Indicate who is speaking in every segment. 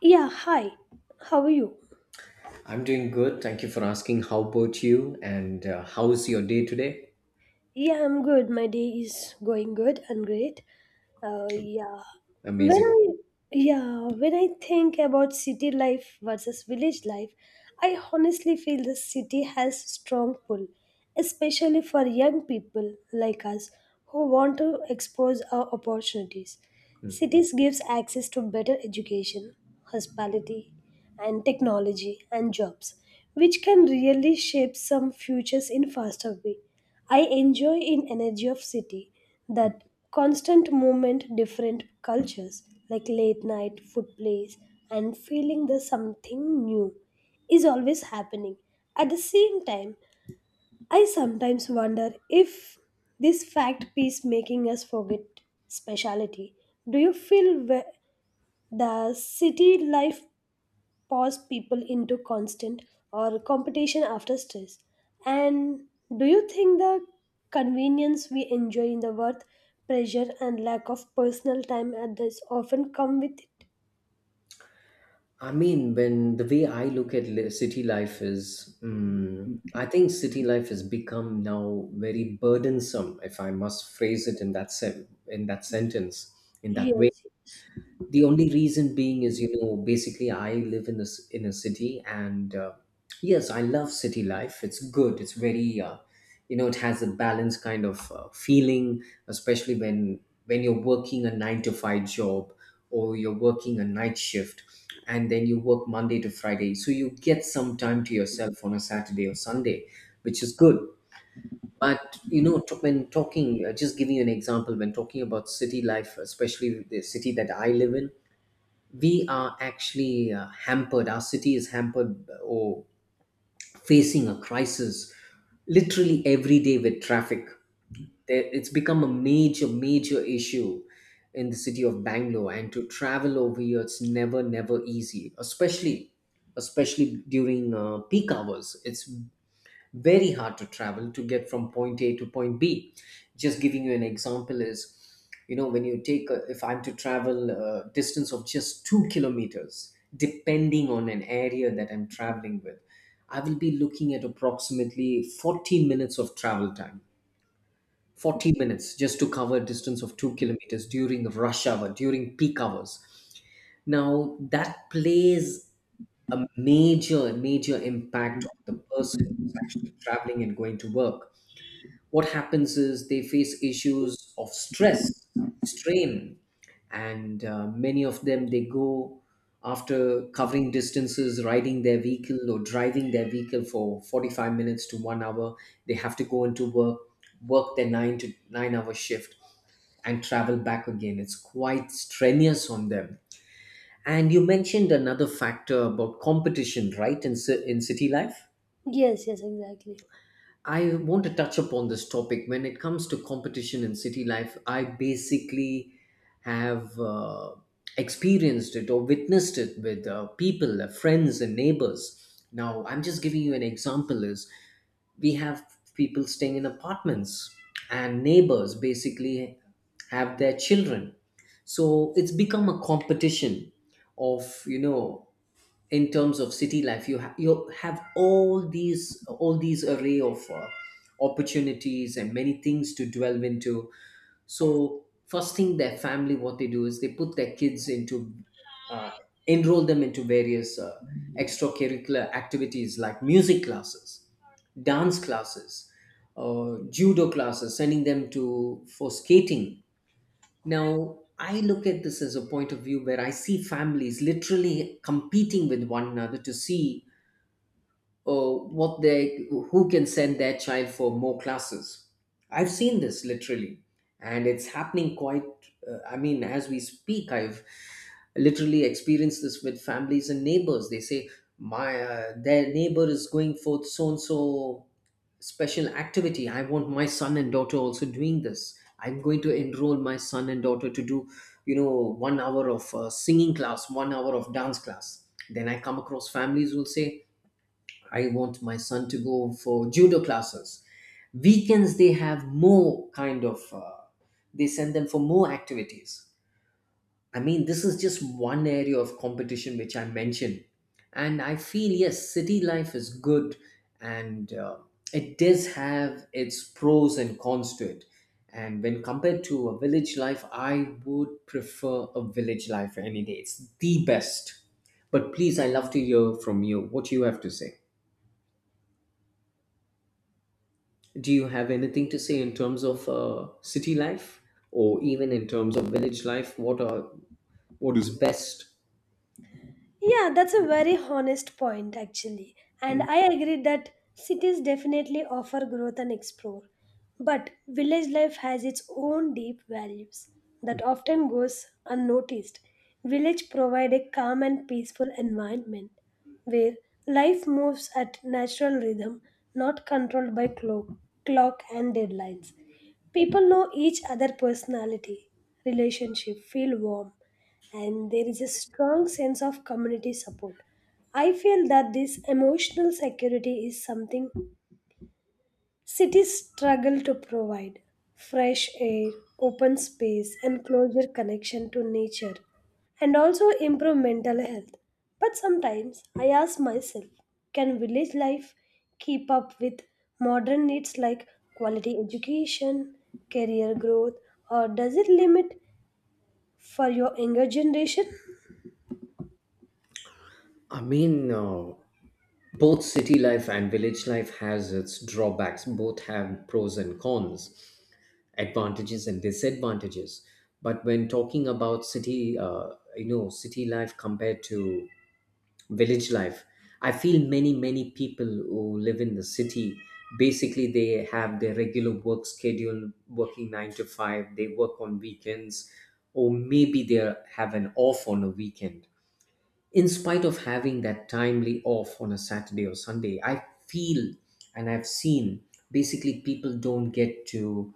Speaker 1: Yeah, hi. How are you?
Speaker 2: I'm doing good. Thank you for asking. How about you? And how's your day today?
Speaker 1: Yeah, I'm good. My day is going good and great. Uh, yeah, when
Speaker 2: Amazing.
Speaker 1: I yeah when I think about city life versus village life, I honestly feel the city has strong pull, especially for young people like us who want to expose our opportunities.
Speaker 2: Mm,
Speaker 1: Cities gives access to better education, hospitality, and technology and jobs, which can really shape some futures in faster way. I enjoy in energy of city
Speaker 2: mm.
Speaker 1: that constant movement, different cultures like late night food plays, and feeling there's something new is always happening. At the same time, I sometimes wonder if this fact piece making us forget speciality. Do you feel the city life pause people into constant or competition after stress. And do you think the convenience we enjoy in the work, pressure, and lack of personal time at this often come with it?
Speaker 2: I mean, when the way I look at li- city life is, I think city life has become now very burdensome, if I must phrase it in that sentence, in that way.
Speaker 1: Yes, yes,
Speaker 2: The only reason being is, you know, basically I live in this in a city, and yes, I love city life. It's good. It's very, you know, it has a balanced kind of feeling, especially when you're working a 9 to 5 job or you're working a night shift, and then you work Monday to Friday, so you get some time to yourself on a Saturday or Sunday, which is good. But you know, when talking, just giving you an example, when talking about city life, especially the city that I live in, we are actually hampered. Our city is hampered or facing a crisis literally every day with traffic. It's become a major, major issue in the city of Bangalore, and to travel over here, it's never, never easy, especially, especially during peak hours. It's very hard to travel to get from point A to point B. Just giving you an example is, you know, when you take, a, if I'm to travel a distance of just 2 kilometers, depending on an area that I'm traveling with, I will be looking at approximately 40 minutes of travel time. 40 minutes just to cover a distance of 2 kilometers during rush hour, during peak hours. Now, that plays a major, major impact on the person who's actually traveling and going to work. What happens is they face issues of stress, strain, and many of them, they go, after covering distances, riding their vehicle or driving their vehicle for 45 minutes to one hour. They have to go into work, work their nine to nine hour shift, and travel back again. It's quite strenuous on them. And you mentioned another factor about competition, right, in city life?
Speaker 1: yes, yes, exactly.
Speaker 2: I want to touch upon this topic. When it comes to competition in city life, I basically have, experienced it or witnessed it with, people, friends, and neighbors. Now, I'm just giving you an example is we have people staying in apartments, and neighbors basically have their children. So it's become a competition of, you know, in terms of city life, you have all these array of opportunities and many things to delve into. So first thing, their family, what they do is they put their kids into, uh, enroll them into various extracurricular activities like music classes, dance classes, judo classes, sending them to for skating. Now, I look at this as a point of view where I see families literally competing with one another to see, what they who can send their child for more classes. I've seen this literally, and it's happening quite, I mean, as we speak, I've literally experienced this with families and neighbors. They say my, their neighbor is going for so and so special activity. I want my son and daughter also doing this. I'm going to enroll my son and daughter to do, you know, one hour of singing class, one hour of dance class. Then I come across families who will say I want my son to go for judo classes. Weekends they have more kind of, they send them for more activities. I mean, this is just one area of competition which I mentioned, and I feel yes, city life is good, and it does have its pros and cons to it. And when compared to a village life, I would prefer a village life any day. It's the best. But please, I love to hear from you what you have to say. Do you have anything to say in terms of city life or even in terms of village life? What is best?
Speaker 1: Yeah, that's a very honest point, actually. And
Speaker 2: Mm.
Speaker 1: I agree that cities definitely offer growth and explore. But village life has its own deep values that often goes unnoticed. Village provide a calm and peaceful environment where life moves at natural rhythm, not controlled by clock and deadlines. People know each other personality, relationship, feel warm, and there is a strong sense of community support. I feel that this emotional security is something cities struggle to provide fresh air, open space, and closer connection to nature, and also improve mental health. But sometimes I ask myself can village life keep up with modern needs like quality education, career growth, or does it limit for your younger generation?
Speaker 2: I mean, both city life and village life has its drawbacks. Both have pros and cons, advantages and disadvantages. But when talking about city, you know, city life compared to village life, I feel many people who live in the city, basically they have their regular work schedule, working 9 to 5. They work on weekends, or maybe they have an off on a weekend. In spite of having that timely off on a Saturday or Sunday, I feel, and I've seen, basically people don't get to,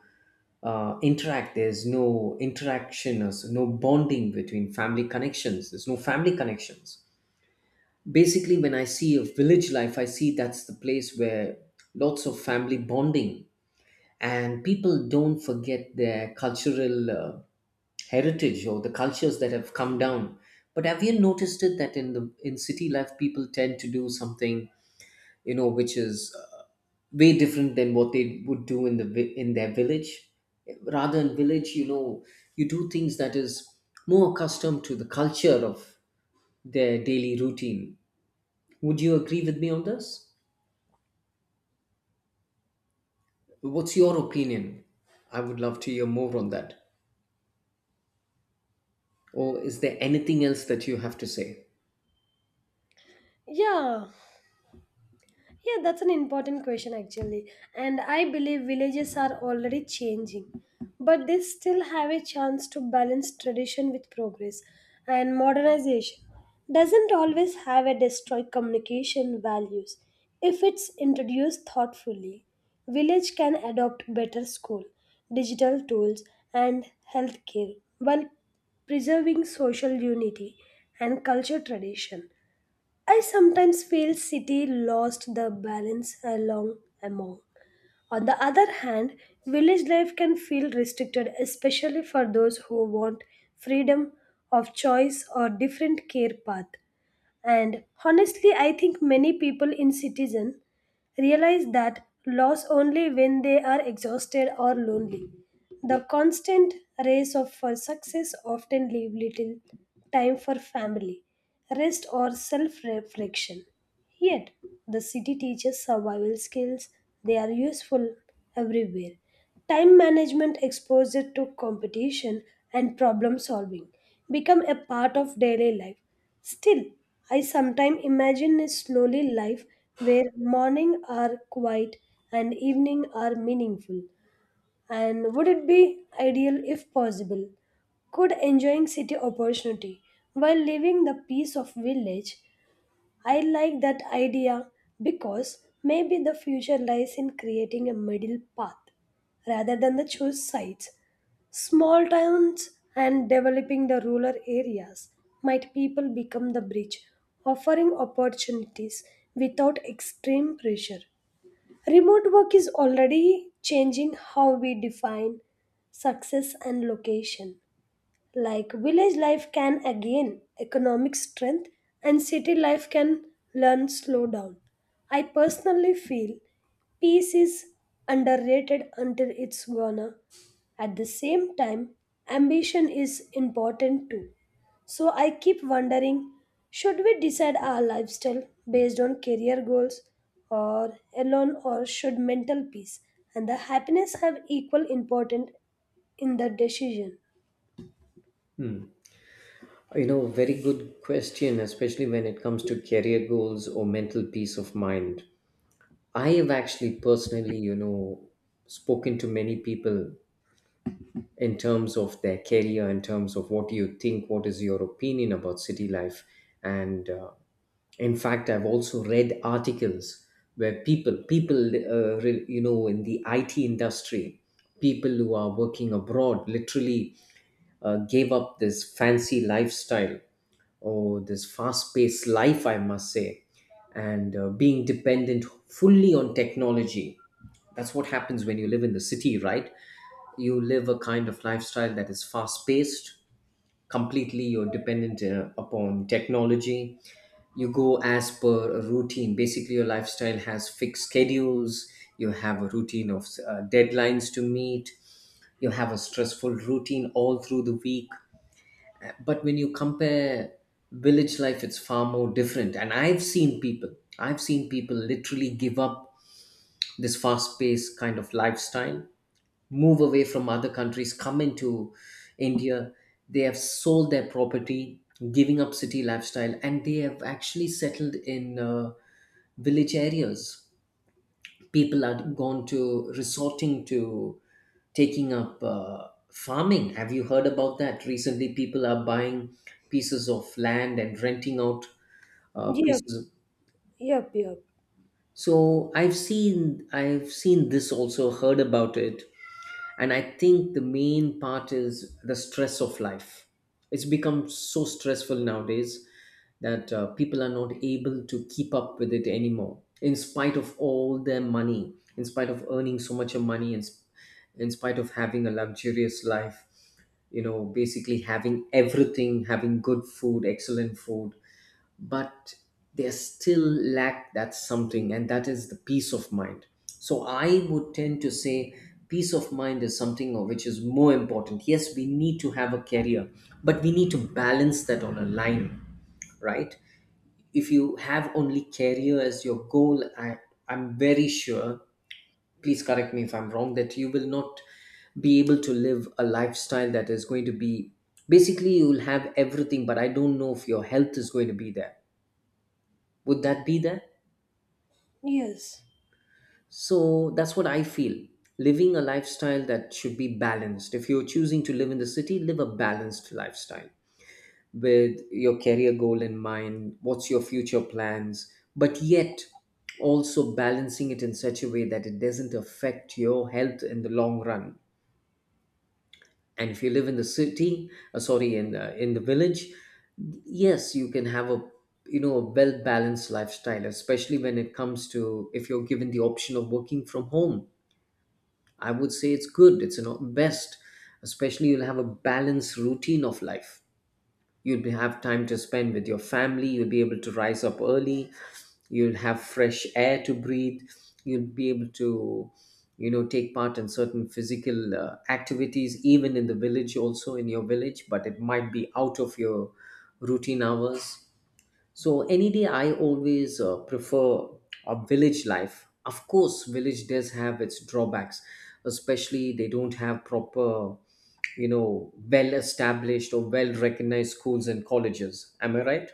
Speaker 2: interact. There's no interaction. There's no family connections. Basically, when I see a village life, I see that's the place where lots of family bonding, and people don't forget their cultural, heritage or the cultures that have come down. But have you noticed it that in city life people tend to do something, you know, which is, way different than what they would do in in their village. Rather, in village, you know, you do things that is more accustomed to the culture of their daily routine. Would you agree with me on this? What's your opinion? I would love to hear more on that. Or is there anything else that you have to say?
Speaker 1: Yeah, Yeah, that's an important question actually. And I believe villages are already changing, but they still have a chance to balance tradition with progress. And modernization doesn't always have a destroy communication values if it's introduced thoughtfully. Village can adopt better school, digital tools and healthcare while preserving social unity and culture tradition. I sometimes feel city lost the balance along among. On the other hand, village life can feel restricted, especially for those who want freedom of choice or different care path. And honestly, I think many people in citizen realize that loss only when they are exhausted or lonely. The constant race of for success often leave little time for family, rest or self-reflection. Yet, the city teaches survival skills. They are useful everywhere. Time management, exposure to competition, and problem solving become a part of daily life. Still, I sometimes imagine a slowly life where morning are quiet and evening are meaningful. And would it be ideal if possible? Could enjoying city opportunity while leaving the peace of village I like that idea because maybe the future lies in creating a middle path rather than the choose sides. Small towns and developing the rural areas might people become the bridge, offering opportunities without extreme pressure. Remote work is already changing how we define success and location like village life can again economic strength and city life can learn slow down. I personally feel peace is underrated until it's gone. At the same time, ambition is important too. So I keep wondering, should we decide our lifestyle based on career goals or alone, or should mental peace and the happiness have equal importance in the decision?
Speaker 2: Hmm. You know, very good question, especially when it comes to career goals or mental peace of mind. I have actually personally, you know, spoken to many people in terms of their career, in terms of what you think, what is your opinion about city life. And in fact, I've also read articles where people, you know, in the IT industry, people who are working abroad literally, gave up this fancy lifestyle, oh, this fast paced life, I must say, and being dependent fully on technology. That's what happens when you live in the city, right? You live a kind of lifestyle that is fast paced, completely you're dependent upon technology. You go as per a routine. Basically, your lifestyle has fixed schedules, you have a routine of deadlines to meet, you have a stressful routine all through the week. But when you compare village life, it's far more different, and I've seen people literally give up this fast paced kind of lifestyle, move away from other countries, come into India. They have sold their property, giving up city lifestyle, and they have actually settled in, village areas. People are gone to resorting to taking up, farming. Have you heard about that? Recently, people are buying pieces of land and renting out,
Speaker 1: Yeah.
Speaker 2: pieces.
Speaker 1: Yep, yep.
Speaker 2: So I've seen this also, heard about it, and I think the main part is the stress of life. It's become so stressful nowadays that, people are not able to keep up with it anymore, in spite of all their money, in spite of earning so much of money, in spite of having a luxurious life, you know, basically having everything, having good food, excellent food, but they still lack that something, and that is the peace of mind. So I would tend to say peace of mind is something of which is more important. Yes, we need to have a career, but we need to balance that on a line, right? If you have only career as your goal, I'm very sure, please correct me if I'm wrong, that you will not be able to live a lifestyle that is going to be, basically you'll have everything, but I don't know if your health is going to be there. Would that be there?
Speaker 1: Yes,
Speaker 2: So that's what I feel. Living a lifestyle that should be balanced. If you're choosing to live in the city, live a balanced lifestyle with your career goal in mind. What's your future plans? But yet, also balancing it in such a way that it doesn't affect your health in the long run. And if you live in the city, sorry, in the village, yes, you can have a, you know, a well balanced lifestyle, especially when it comes to if you're given the option of working from home. I would say it's good. It's you best, especially you'll have a balanced routine of life. Have time to spend with your family. You'll be able to rise up early. You'll have fresh air to breathe. You'll be able to, you know, take part in certain physical, activities, even in the village, also in your village, but it might be out of your routine hours. So any day, I always, prefer a village life. Of course, village does have its drawbacks, especially they don't have proper, you know, well-established or well-recognized schools and colleges. Am I right?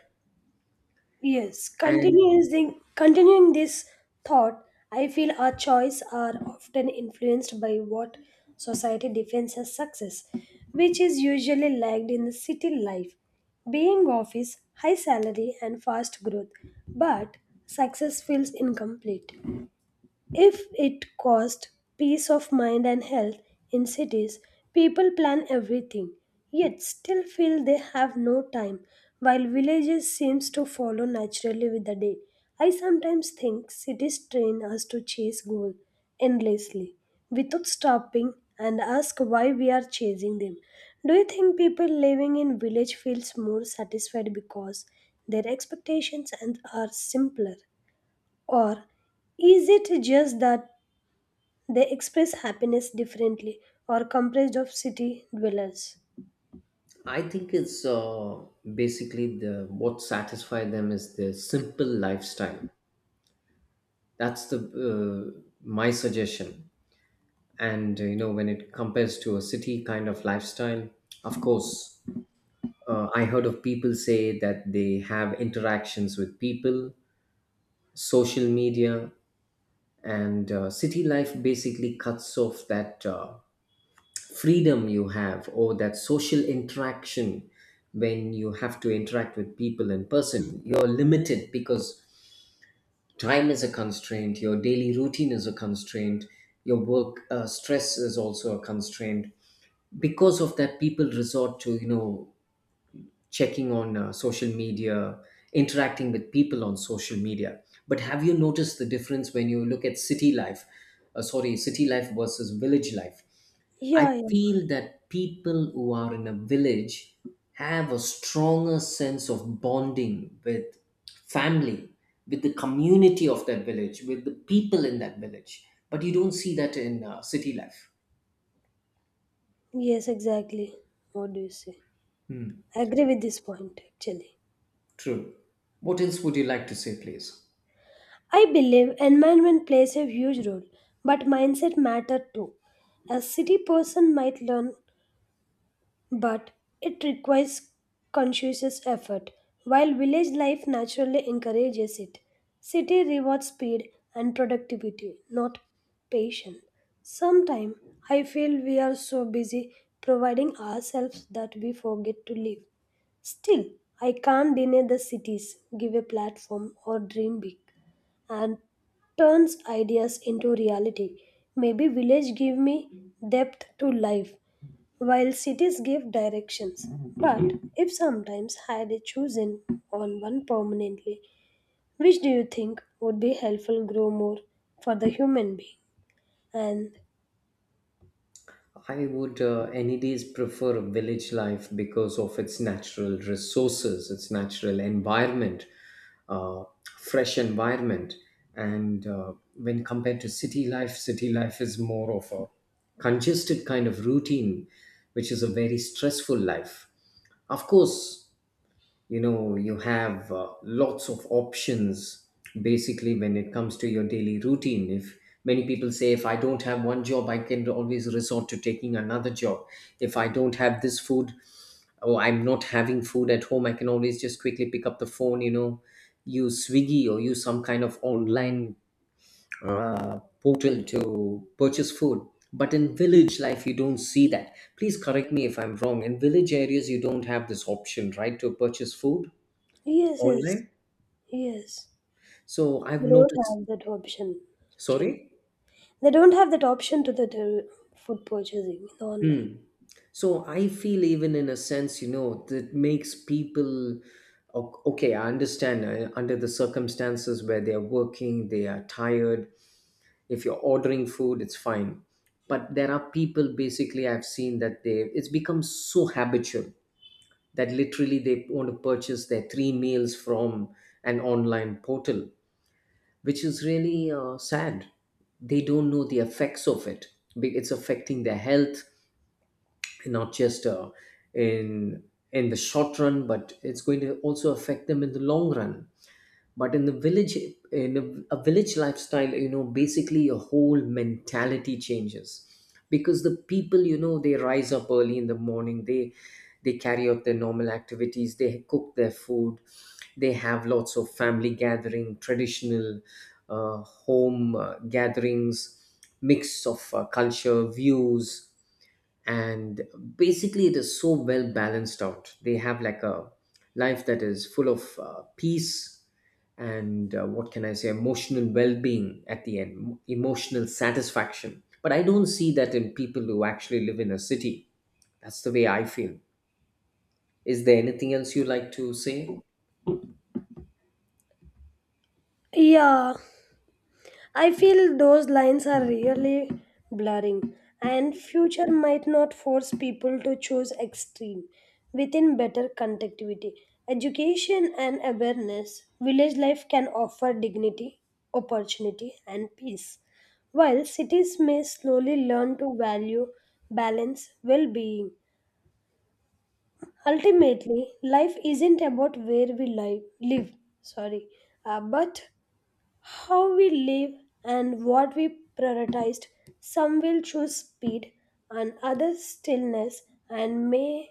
Speaker 1: yes.
Speaker 2: And
Speaker 1: Continuing this thought, I feel our choices are often influenced by what society defines as success, which is usually lagged in the city life, being office, high salary, and fast growth. But success feels incomplete. If it cost peace of mind and health in cities, people plan everything, yet still feel they have no time, while villages seems to follow naturally with the day. I sometimes think cities train us to chase goal endlessly without stopping and ask why we are chasing them. Do you think people living in village feels more satisfied because their expectations and are simpler, or is it just that they express happiness differently or comprised of city dwellers.
Speaker 2: I think it's basically the what satisfies them is the simple lifestyle. That's the my suggestion. And when it compares to a city kind of lifestyle, of course, I heard of people say that they have interactions with people, social media, and city life basically cuts off that freedom you have or that social interaction when you have to interact with people in person. You're limited because time is a constraint, your daily routine is a constraint, your work stress is also a constraint because of that people resort to checking on social media, interacting with people on social media. But have you noticed the difference when you look at city life? Sorry, city life versus village life. I
Speaker 1: Yeah, yeah.
Speaker 2: feel that people who are in a village have a stronger sense of bonding with family, with the community of that village, with the people in that village. But you don't see that in city life.
Speaker 1: Yes, exactly. What do you say?
Speaker 2: Hmm,
Speaker 1: I agree with this point actually.
Speaker 2: true. What else would you like to say, please?
Speaker 1: I believe environment plays a huge role, but mindset matter too. A city person might learn but it requires conscious effort, while village life naturally encourages it. City rewards speed and productivity, not patience. Sometimes I feel we are so busy providing ourselves that we forget to live. Still, I can't deny the cities give a platform or dream big and turns ideas into reality. Maybe village give me depth to life while cities give directions, but if sometimes had it chosen on one permanently, which do you think would be helpful grow more for the human being? And
Speaker 2: I would any days prefer village life because of its natural resources, its natural environment, uh, fresh environment. And when compared to city life is more of a congested kind of routine, which is a very stressful life. Of course, you know you have lots of options basically when it comes to your daily routine. If many people say, if I don't have one job, I can always resort to taking another job. If I don't have this food, or I'm not having food at home, I can always just quickly pick up the phone, you know, use Swiggy or use some kind of online portal to purchase food. But in village life you don't see that. Please correct me if I'm wrong, in village areas you don't have this option, right, to purchase food
Speaker 1: yes, yes,
Speaker 2: online.
Speaker 1: yes,
Speaker 2: So I've
Speaker 1: they don't
Speaker 2: noticed,
Speaker 1: have that option. Actually,
Speaker 2: sorry?
Speaker 1: they don't have that option to the to food purchasing in online.
Speaker 2: Hmm. So I feel even in a sense, you know, that makes people okay, I understand under the circumstances where they're working, they are tired. If you're ordering food, it's fine. But there are people basically I've seen that they it's become so habitual that literally they want to purchase their three meals from an online portal, which is really sad. They don't know the effects of it. It's affecting their health, not just in in the short run, but it's going to also affect them in the long run. But in the village, in a village lifestyle, you know, basically your whole mentality changes because the people, you know, they rise up early in the morning. They carry out their normal activities, they cook their food, they have lots of family gathering, traditional home gatherings, mix of culture views. And basically it is so well balanced out. They have like a life that is full of peace and what can I say, emotional well-being. At the end, emotional satisfaction. But I don't see that in people who actually live in a city. That's the way I feel. Is there anything else you like to say?
Speaker 1: Yeah, I feel those lines are really blurring, and future might not force people to choose extreme within better connectivity. Education and awareness, village life can offer dignity, opportunity, and peace, while cities may slowly learn to value balance, well being. Ultimately, life isn't about where we live, sorry, but how we live and what we prioritized, some will choose speed and others stillness and may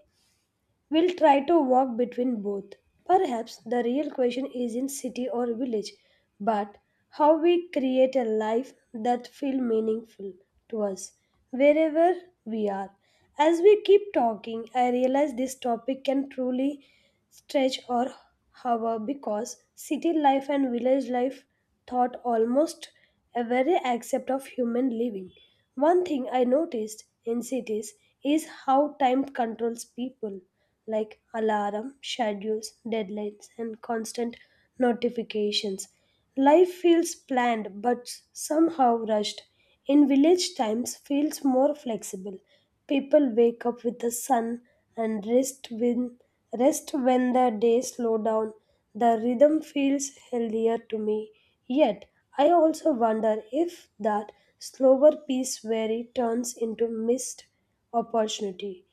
Speaker 1: We'll try to walk between both. Perhaps the real question is in city or village, but how we create a life that feel meaningful to us wherever we are. As we keep talking, I realize this topic can truly stretch or hover because city life and village life thought almost a very aspect of human living. One thing I noticed in cities is how time controls people like alarm, schedules, deadlines, and constant notifications. Life feels planned but somehow rushed. In village times feels more flexible. People wake up with the sun and rest when the day slow down. The rhythm feels healthier to me. Yet I also wonder if that slower pace where it turns into missed opportunity.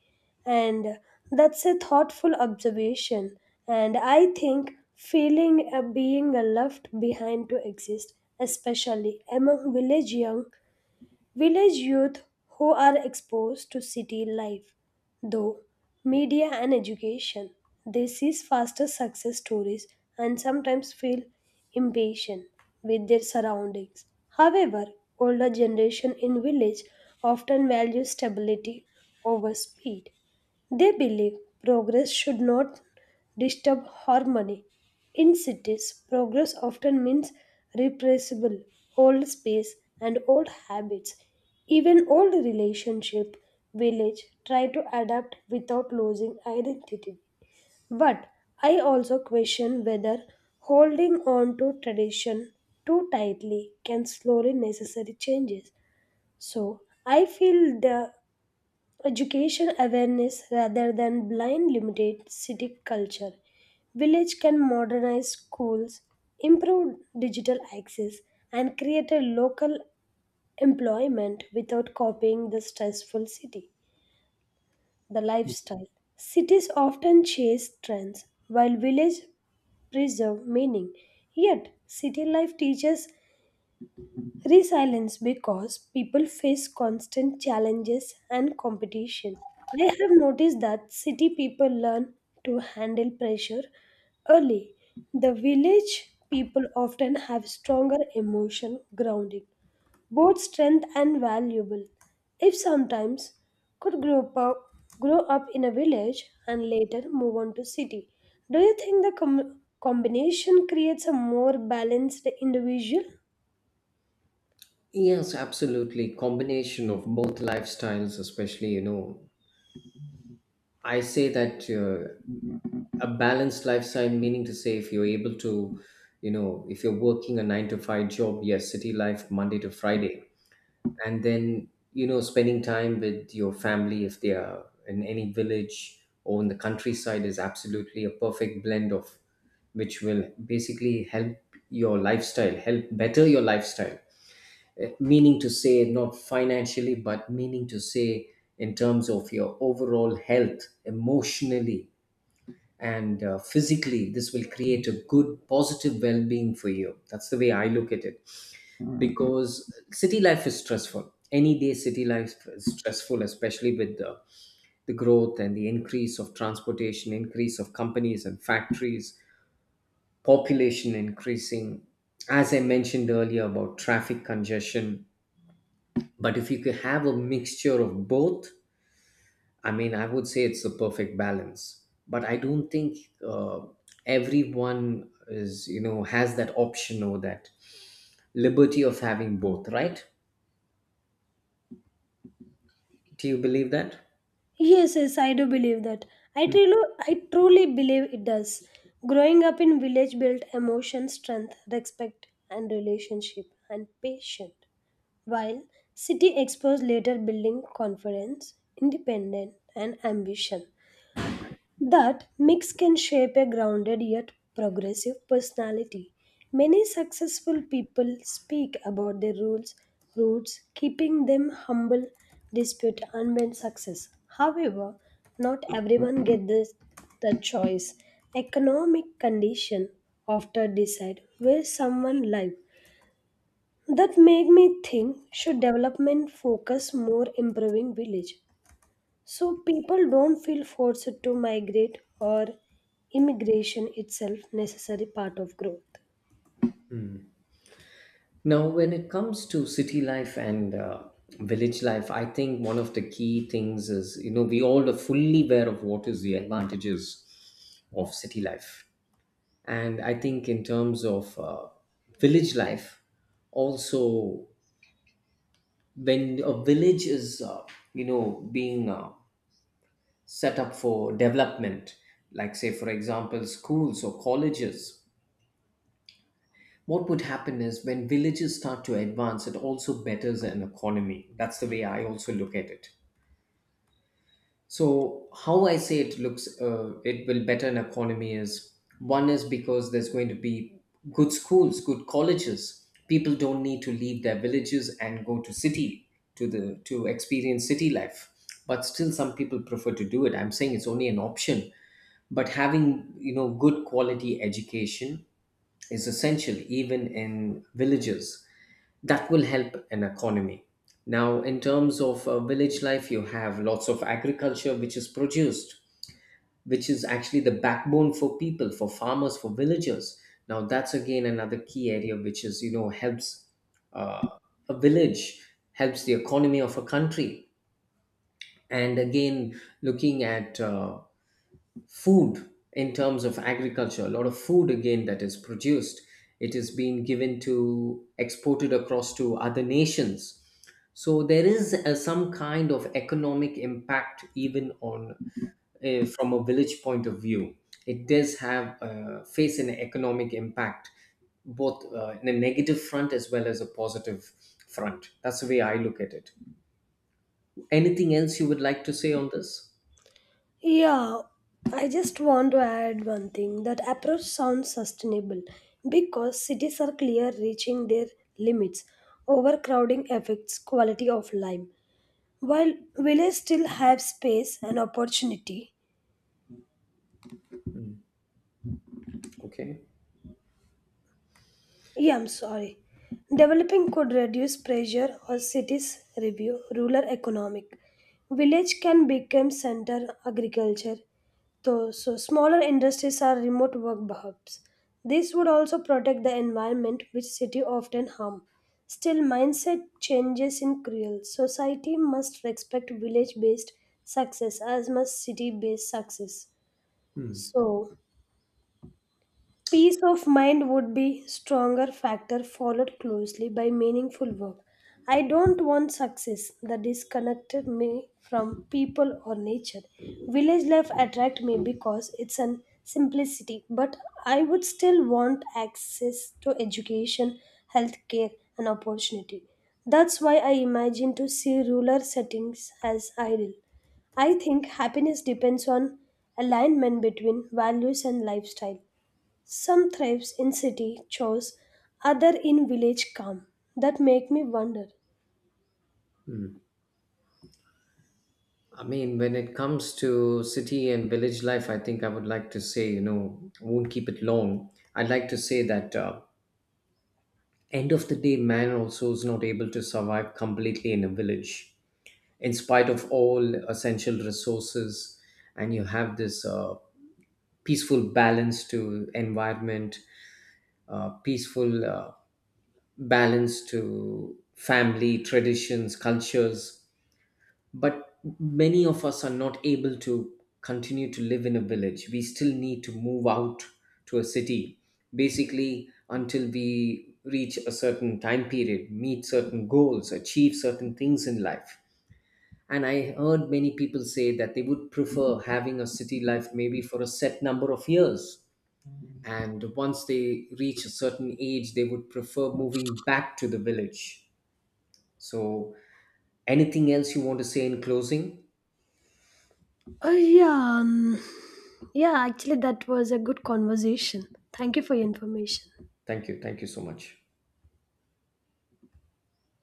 Speaker 1: And that's a thoughtful observation. And I think feeling a being a left behind to exist, especially among village youth who are exposed to city life, though media and education. They see faster success stories and sometimes feel impatient with their surroundings. However, older generation in village often value stability over speed. They believe progress should not disturb harmony. In cities, progress often means repressible old space and old habits. Even old relationship, village try to adapt without losing identity. But I also question whether holding on to tradition too tightly can slow necessary changes. So I feel the Education awareness rather than blind limited city culture. Village can modernize schools, improve digital access, and create a local employment without copying the stressful city. The lifestyle. Cities often chase trends, while village preserve meaning. Yet, city life teaches Resilience because people face constant challenges and competition. I have noticed that city people learn to handle pressure early. The village people often have stronger emotion grounding, both strength and valuable. If sometimes could grow up in a village and later move on to city. Do you think the combination creates a more balanced individual?
Speaker 2: Yes, absolutely. Combination of both lifestyles, especially, you know, I say that a balanced lifestyle, meaning to say, if you're able to, you know, if you're working a 9 to 5 job, yes, city life, Monday to Friday, and then, you know, spending time with your family, if they are in any village or in the countryside, is absolutely a perfect blend of which will basically help your lifestyle, help better your lifestyle. Eh, meaning to say not financially, but meaning to say in terms of your overall health, emotionally, and physically, this will create a good positive well-being for you. That's the way I look at it. Because city life is stressful any day. City life is stressful, especially with the growth and the increase of transportation, increase of companies and factories, population increasing, as I mentioned earlier about traffic congestion. But if you could have a mixture of both, I mean, I would say it's a perfect balance, but I don't think uh, everyone is, you know, has that option or that liberty of having both, right? Do you believe that?
Speaker 1: Yes, yes, I do believe that. I truly believe it does. Growing up in village built emotion, strength, respect, and relationship, and patience. While city exposed later building confidence, independence, and ambition. That mix can shape a grounded yet progressive personality. Many successful people speak about their roots, keeping them humble despite unmet success. However, not everyone gets the choice. Economic condition often decide where someone lives. That make me think should development focus more improving village so people don't feel forced to migrate or immigration itself necessary part of growth.
Speaker 2: Now, when it comes to city life and village life, I think one of the key things is, you know, we all are fully aware of what is the advantages of city life. And I think in terms of village life, also, when a village is being set up for development, like say for example schools or colleges, what would happen is, when villages start to advance, it also betters an economy. That's the way I also look at it. So how I say it looks, it will better an economy is, one is because there's going to be good schools, good colleges. People don't need to leave their villages and go to city, to the to experience city life. But still, some people prefer to do it. I'm saying it's only an option. But having, you know, good quality education is essential even in villages. That will help an economy. Now, in terms of village life, you have lots of agriculture which is produced, which is actually the backbone for people, for farmers, for villagers. Now that's again another key area, which is, you know, helps uh, a village, helps the economy of a country. And again, looking at food in terms of agriculture, a lot of food again that is produced, it is being given to exported across to other nations. So there is some kind of economic impact, even on from a village point of view, it does have face an economic impact, both in a negative front as well as a positive front. That's the way I look at it. Anything else you would like to say on this?
Speaker 1: Yeah, I just want to add one thing that approach sounds sustainable because cities are clear reaching their limits. Overcrowding affects quality of life while villages still have space and opportunity.
Speaker 2: Mm, okay.
Speaker 1: Yeah, I'm sorry. Developing could reduce pressure or cities review rural economic. Village can become center agriculture. So smaller industries are remote work hubs. This would also protect the environment which city often harm. Still, mindset changes in cruel. Society must respect village-based success as much city-based success.
Speaker 2: Hmm.
Speaker 1: So Peace of mind would be stronger factor followed closely by meaningful work. I don't want success that disconnected me from people or nature. Village life attract me because it's an simplicity, but I would still want access to education, healthcare and opportunity. That's why I imagine to see rural settings as ideal. I think happiness depends on alignment between values and lifestyle. Some thrives in city chores, other in village calm. That make me wonder.
Speaker 2: I mean, when it comes to city and village life, I think I would like to say, you know, I won't keep it long. I'd like to say that end of the day, man also is not able to survive completely in a village, in spite of all essential resources, and you have this peaceful balance to environment, peaceful balance to family traditions, cultures. But many of us are not able to continue to live in a village. We still need to move out to a city, basically until we reach a certain time period, meet certain goals, achieve certain things in life. And I heard many people say that they would prefer having a city life maybe for a set number of years, and once they reach a certain age they would prefer moving back to the village. So, anything else you want to say in closing?
Speaker 1: Oh yeah, yeah. Actually, that was a good conversation. Thank you for your information.
Speaker 2: Thank you. Thank you so much.